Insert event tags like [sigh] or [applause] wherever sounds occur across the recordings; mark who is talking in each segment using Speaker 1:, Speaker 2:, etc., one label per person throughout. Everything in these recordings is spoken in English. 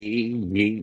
Speaker 1: Well,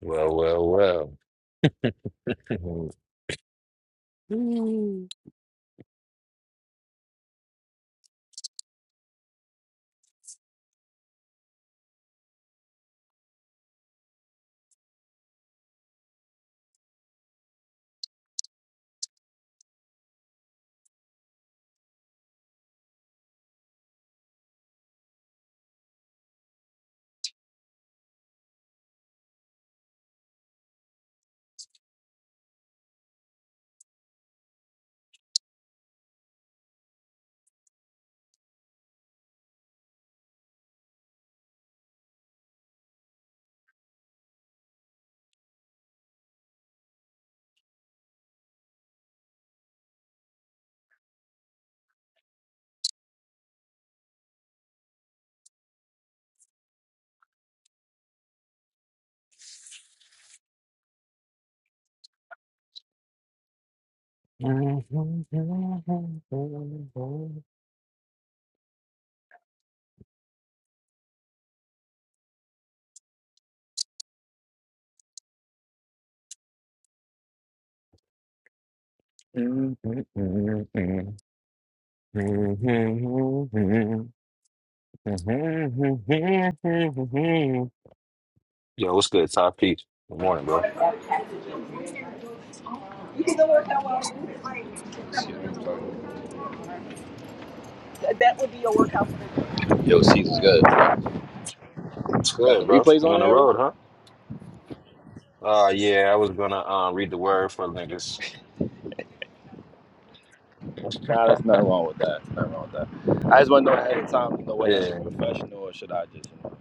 Speaker 1: well, well. Yo, what's good, Top Peach? Good morning,
Speaker 2: You
Speaker 1: bro.
Speaker 2: can go work out while you're free. That would be your workout for the day. Yo, Caesar's good.
Speaker 1: What's
Speaker 2: Got the
Speaker 1: good, bro?
Speaker 2: replays
Speaker 1: You
Speaker 2: on
Speaker 1: on the
Speaker 2: there, bro?
Speaker 1: road, huh? Uh yeah, I was gonna um read the word for niggas.
Speaker 2: Nah,
Speaker 1: [laughs]
Speaker 2: there's nothing wrong with that. There's nothing wrong with that. I just want to know ahead of time, you know, whether I should
Speaker 1: Yeah.
Speaker 2: be professional or should I just, you know.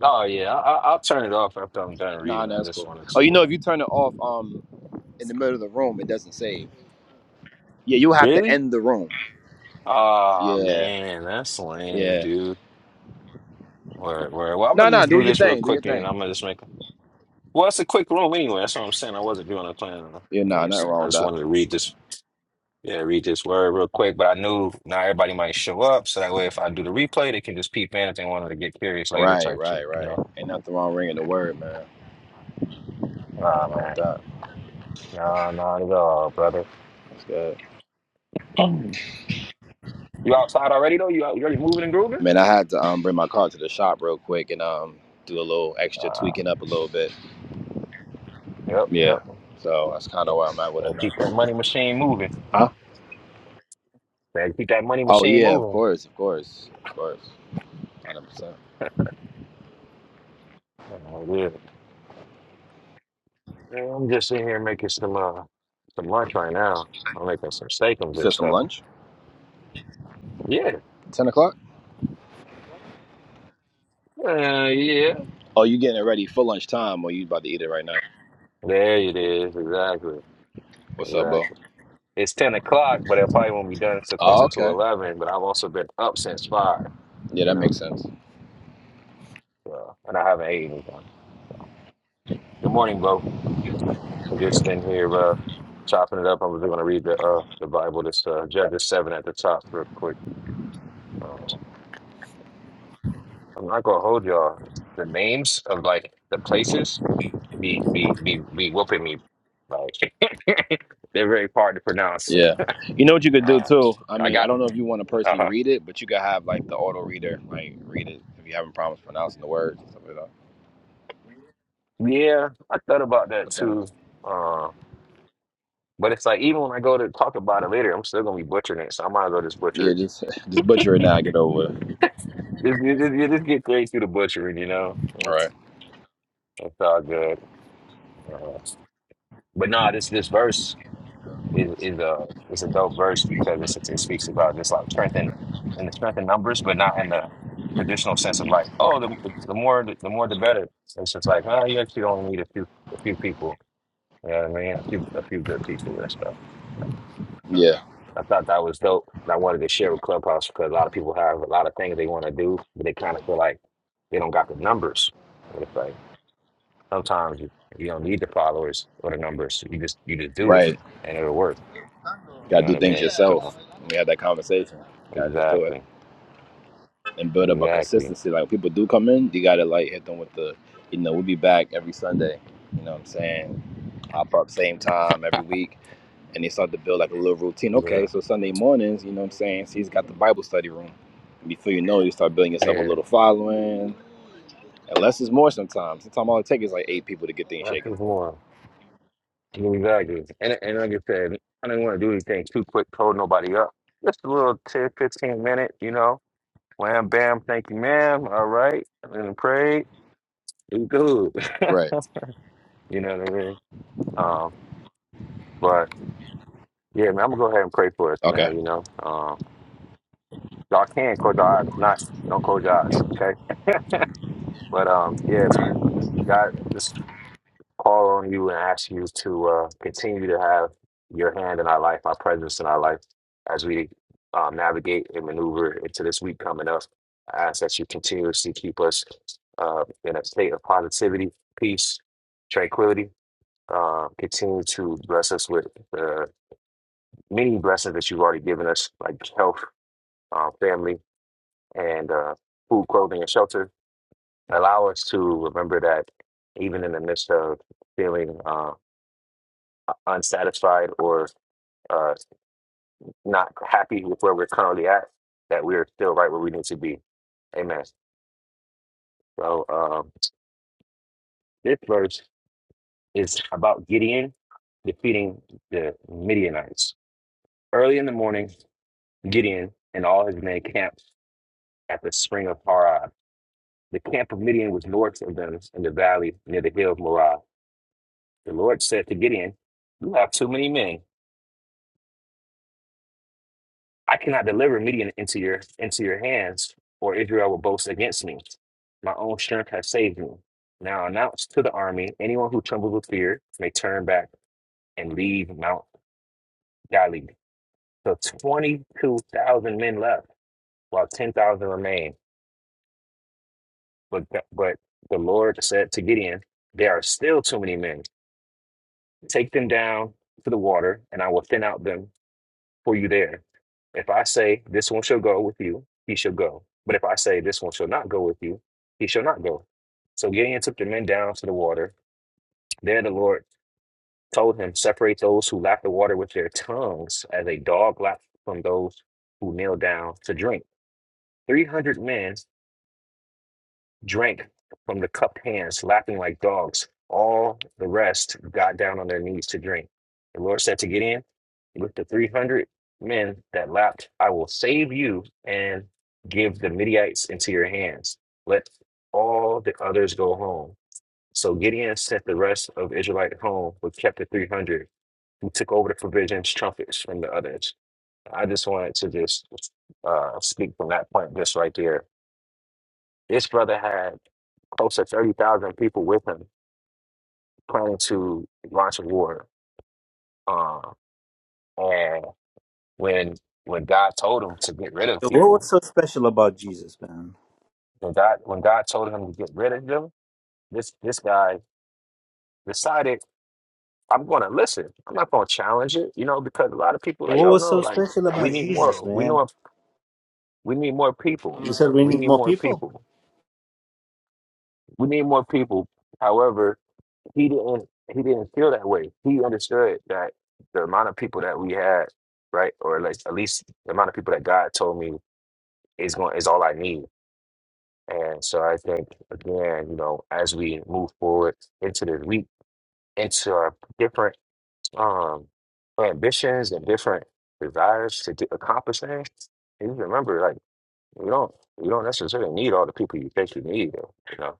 Speaker 1: Oh yeah, I, I- I'll turn it off after I'm done
Speaker 2: Nah,
Speaker 1: reading.
Speaker 2: nah,
Speaker 1: I
Speaker 2: that's
Speaker 1: just
Speaker 2: cool.
Speaker 1: wanted
Speaker 2: Oh, you
Speaker 1: to.
Speaker 2: know,
Speaker 1: Uh...
Speaker 2: if you turn it off um in the middle of the room, it doesn't save. Yeah, you'll have to
Speaker 1: Really?
Speaker 2: end the room.
Speaker 1: Ah
Speaker 2: Yeah,
Speaker 1: man, that's lame,
Speaker 2: yeah.
Speaker 1: dude. Word, word. Well, I'm
Speaker 2: Nah,
Speaker 1: gonna
Speaker 2: nah,
Speaker 1: just
Speaker 2: do
Speaker 1: do
Speaker 2: your
Speaker 1: this real
Speaker 2: thing. Do your
Speaker 1: quick, and
Speaker 2: thing.
Speaker 1: I'm gonna just make. Well, it's a quick room anyway. That's what I'm saying. I wasn't doing a plan. on-
Speaker 2: Yeah,
Speaker 1: You know what
Speaker 2: nah,
Speaker 1: I'm
Speaker 2: nothing
Speaker 1: saying?
Speaker 2: wrong
Speaker 1: I
Speaker 2: with
Speaker 1: just
Speaker 2: that.
Speaker 1: wanted to read this. Yeah, read this word real quick. But I knew not everybody might show up, so that way if I do the replay, they can just peep in if they wanted to get curious later,
Speaker 2: Right,
Speaker 1: type
Speaker 2: right,
Speaker 1: shit. You
Speaker 2: right.
Speaker 1: know?
Speaker 2: Ain't nothing wrong ringing the word, man.
Speaker 1: Nah,
Speaker 2: Nothing wrong with
Speaker 1: man.
Speaker 2: that.
Speaker 1: Nah, not at all, brother.
Speaker 2: That's good.
Speaker 1: [clears throat] You outside already though? You out- you already moving and grooving?
Speaker 2: Man, I had to um bring my car to the shop real quick and um do a little extra tweaking up a little bit.
Speaker 1: Yep,
Speaker 2: Yeah.
Speaker 1: yep.
Speaker 2: So that's kind of
Speaker 1: Gotta,
Speaker 2: where I'm at with it
Speaker 1: gotta
Speaker 2: now.
Speaker 1: keep that money machine moving.
Speaker 2: Huh?
Speaker 1: Gotta keep that money
Speaker 2: Oh
Speaker 1: machine
Speaker 2: yeah, of
Speaker 1: moving.
Speaker 2: course, of course, of course, hundred percent.
Speaker 1: Oh, yeah. Yeah, I'm just sitting here making some uh some lunch right now. I'm making some steakums
Speaker 2: You
Speaker 1: and
Speaker 2: said some
Speaker 1: stuff.
Speaker 2: lunch?
Speaker 1: Yeah.
Speaker 2: Ten o'clock?
Speaker 1: Uh, yeah.
Speaker 2: Oh, you getting it ready for lunchtime, or you about to eat it right now?
Speaker 1: There it is. Exactly.
Speaker 2: What's up, Bo?
Speaker 1: Exactly. It's ten o'clock, but it probably won't be done until
Speaker 2: Oh,
Speaker 1: closer to
Speaker 2: okay.
Speaker 1: eleven. But I've also been up since five,
Speaker 2: Yeah,
Speaker 1: you
Speaker 2: that
Speaker 1: know.
Speaker 2: makes sense.
Speaker 1: So and I haven't ate anything. So. Good morning, Bo. We're just in here uh, chopping it up. I'm just going to read the uh, the Bible. This uh, Judges seven at the top, real quick. Uh, I'm not going to hold y'all. The names of like the places be be be be whooping me. Like [laughs] they're very hard to pronounce.
Speaker 2: Yeah. You know what you could do
Speaker 1: Um,
Speaker 2: too? I
Speaker 1: I
Speaker 2: mean, I
Speaker 1: got.
Speaker 2: don't know if you want to personally
Speaker 1: Uh,
Speaker 2: read it, but you could have like the auto reader like read it if you're having problems pronouncing the words and stuff like that.
Speaker 1: yeah, I thought about that
Speaker 2: Depends.
Speaker 1: too. Uh, but it's like even when I go to talk about it later, I'm still gonna be butchering it. So I might as well just butcher
Speaker 2: Yeah, just [laughs] just butcher it now. Get over it.
Speaker 1: it. [laughs] Just, just, just just get straight through the butchering, you know.
Speaker 2: All right.
Speaker 1: It's it's all good. Uh, but nah, this this verse is is a is a dope verse because it's, it speaks about just like strength and and the strength in numbers, but not in the traditional sense of like, oh, the the, the more the, more the better. It's just like, oh, you actually only need a few a few people. You know what I mean? A few a few good people and stuff. Yeah.
Speaker 2: Yeah.
Speaker 1: I thought that was dope, and I wanted to share with Clubhouse because a lot of people have a lot of things they want to do, but they kind of feel like they don't got the numbers. Sometimes you, you don't need the followers or the numbers. You just you just do it
Speaker 2: Right.
Speaker 1: and it'll work. You
Speaker 2: Got
Speaker 1: know
Speaker 2: to
Speaker 1: what
Speaker 2: do
Speaker 1: I
Speaker 2: things
Speaker 1: mean?
Speaker 2: yourself.
Speaker 1: So
Speaker 2: We had that conversation. Got to just do it
Speaker 1: exactly.
Speaker 2: and build up a
Speaker 1: Exactly.
Speaker 2: consistency. Like when people do come in, you got to like hit them with the, you know, we'll be back every Sunday. You know what I'm saying? Hop up same time every week, and they start to build like a little routine.
Speaker 1: Yeah.
Speaker 2: Okay, so Sunday mornings, you know what I'm saying? She's got the Bible study room. And before you know, it, you start building yourself a
Speaker 1: Yeah.
Speaker 2: little following. And less is more sometimes. Sometimes all it takes is like eight people to get things
Speaker 1: That's
Speaker 2: shaking.
Speaker 1: just one. Exactly. And and like I said, I didn't want to do anything too quick, hold nobody up. Just a little 10 15 minute, you know. Wham bam, thank you, ma'am. All right. And then pray. It's good.
Speaker 2: Right.
Speaker 1: [laughs] You know what I mean? Um, but Yeah, man, I'm gonna go ahead and pray for us,
Speaker 2: Okay.
Speaker 1: man. You know, um, y'all can close your eyes. If not, don't close your eyes, okay? [laughs] But um, yeah, God, just call on you and ask you to uh, continue to have your hand in our life, our presence in our life, as we um, navigate and maneuver into this week coming up. I ask that you continuously keep us uh, in a state of positivity, peace, tranquility. Uh, continue to bless us with the many blessings that you've already given us, like health uh, family, and uh, food, clothing, and shelter. Allow us to remember that even in the midst of feeling uh, unsatisfied or uh, not happy with where we're currently at, that we are still right where we need to be. Amen. So um, this verse is about Gideon defeating the Midianites. Early in the morning, Gideon and all his men camped at the spring of Harod. The camp of Midian was north of them in the valley near the hill of Morah. The Lord said to Gideon, You have too many men. I cannot deliver Midian into your into your hands, or Israel will boast against me. My own strength has saved me. Now announce to the army, anyone who trembles with fear may turn back and leave Mount Gilead. So twenty-two thousand men left, while ten thousand remain. But th- but the Lord said to Gideon, There are still too many men. Take them down to the water, and I will thin out them for you there. If I say, This one shall go with you, he shall go. But if I say, This one shall not go with you, he shall not go. So Gideon took the men down to the water. There the Lord told him, Separate those who lap the water with their tongues, as a dog laps from those who kneel down to drink. 300 men drank from the cupped hands, lapping like dogs. All the rest got down on their knees to drink. The Lord said to Gideon, With the 300 men that lapped, I will save you and give the Midianites into your hands. Let all the others go home. So Gideon sent the rest of Israelite home, but kept the 300 who took over the provisions, trumpets from the others. I just wanted to just uh, speak from that point just right there. This brother had close to 30,000 people with him planning to launch a war. Uh, and when when God told him to get rid of
Speaker 3: What
Speaker 1: people,
Speaker 3: was so special about Jesus, man?
Speaker 1: when God when God told him to get rid of them, this this guy decided I'm going to listen. I'm not going to challenge it, you know, because a lot of people like,
Speaker 3: What
Speaker 1: yo,
Speaker 3: was
Speaker 1: no,
Speaker 3: so
Speaker 1: like
Speaker 3: special
Speaker 1: we
Speaker 3: about
Speaker 1: need
Speaker 3: Jesus,
Speaker 1: more. We
Speaker 3: man?
Speaker 1: know if, we need more people.
Speaker 3: You said we
Speaker 1: We
Speaker 3: need
Speaker 1: need
Speaker 3: more
Speaker 1: more
Speaker 3: people?
Speaker 1: people. We need more people. However. he didn't he didn't feel that way. He understood that the amount of people that we had, right, or at least, at least the amount of people that God told me is going is all I need. And so I think again, you know, as we move forward into this week, into our different um ambitions and different desires to do, accomplish things, you remember like you don't you don't necessarily need all the people you think you need. You know,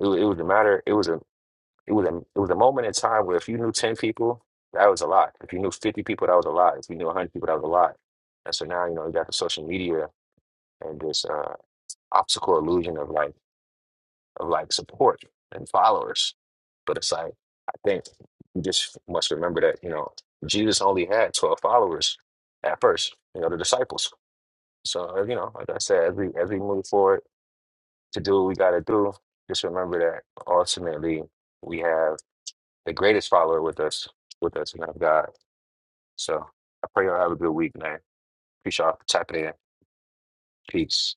Speaker 1: it, wa- it was a matter. It was a it was a it was a moment in time where if you knew ten people, that was a lot. If you knew fifty people, that was a lot. If you knew hundred people, that was a lot. And so now you know you got the social media and this uh, optical illusion of like of like support and followers. But it's like I think you just must remember that you know Jesus only had twelve followers at first. You know the disciples. So uh, you know, like I said, as we as we move forward to do what we got to do, just remember that ultimately we have. the greatest follower with us, with us, man of God. So I pray y'all have a good week, man. Appreciate y'all for tapping in. Peace.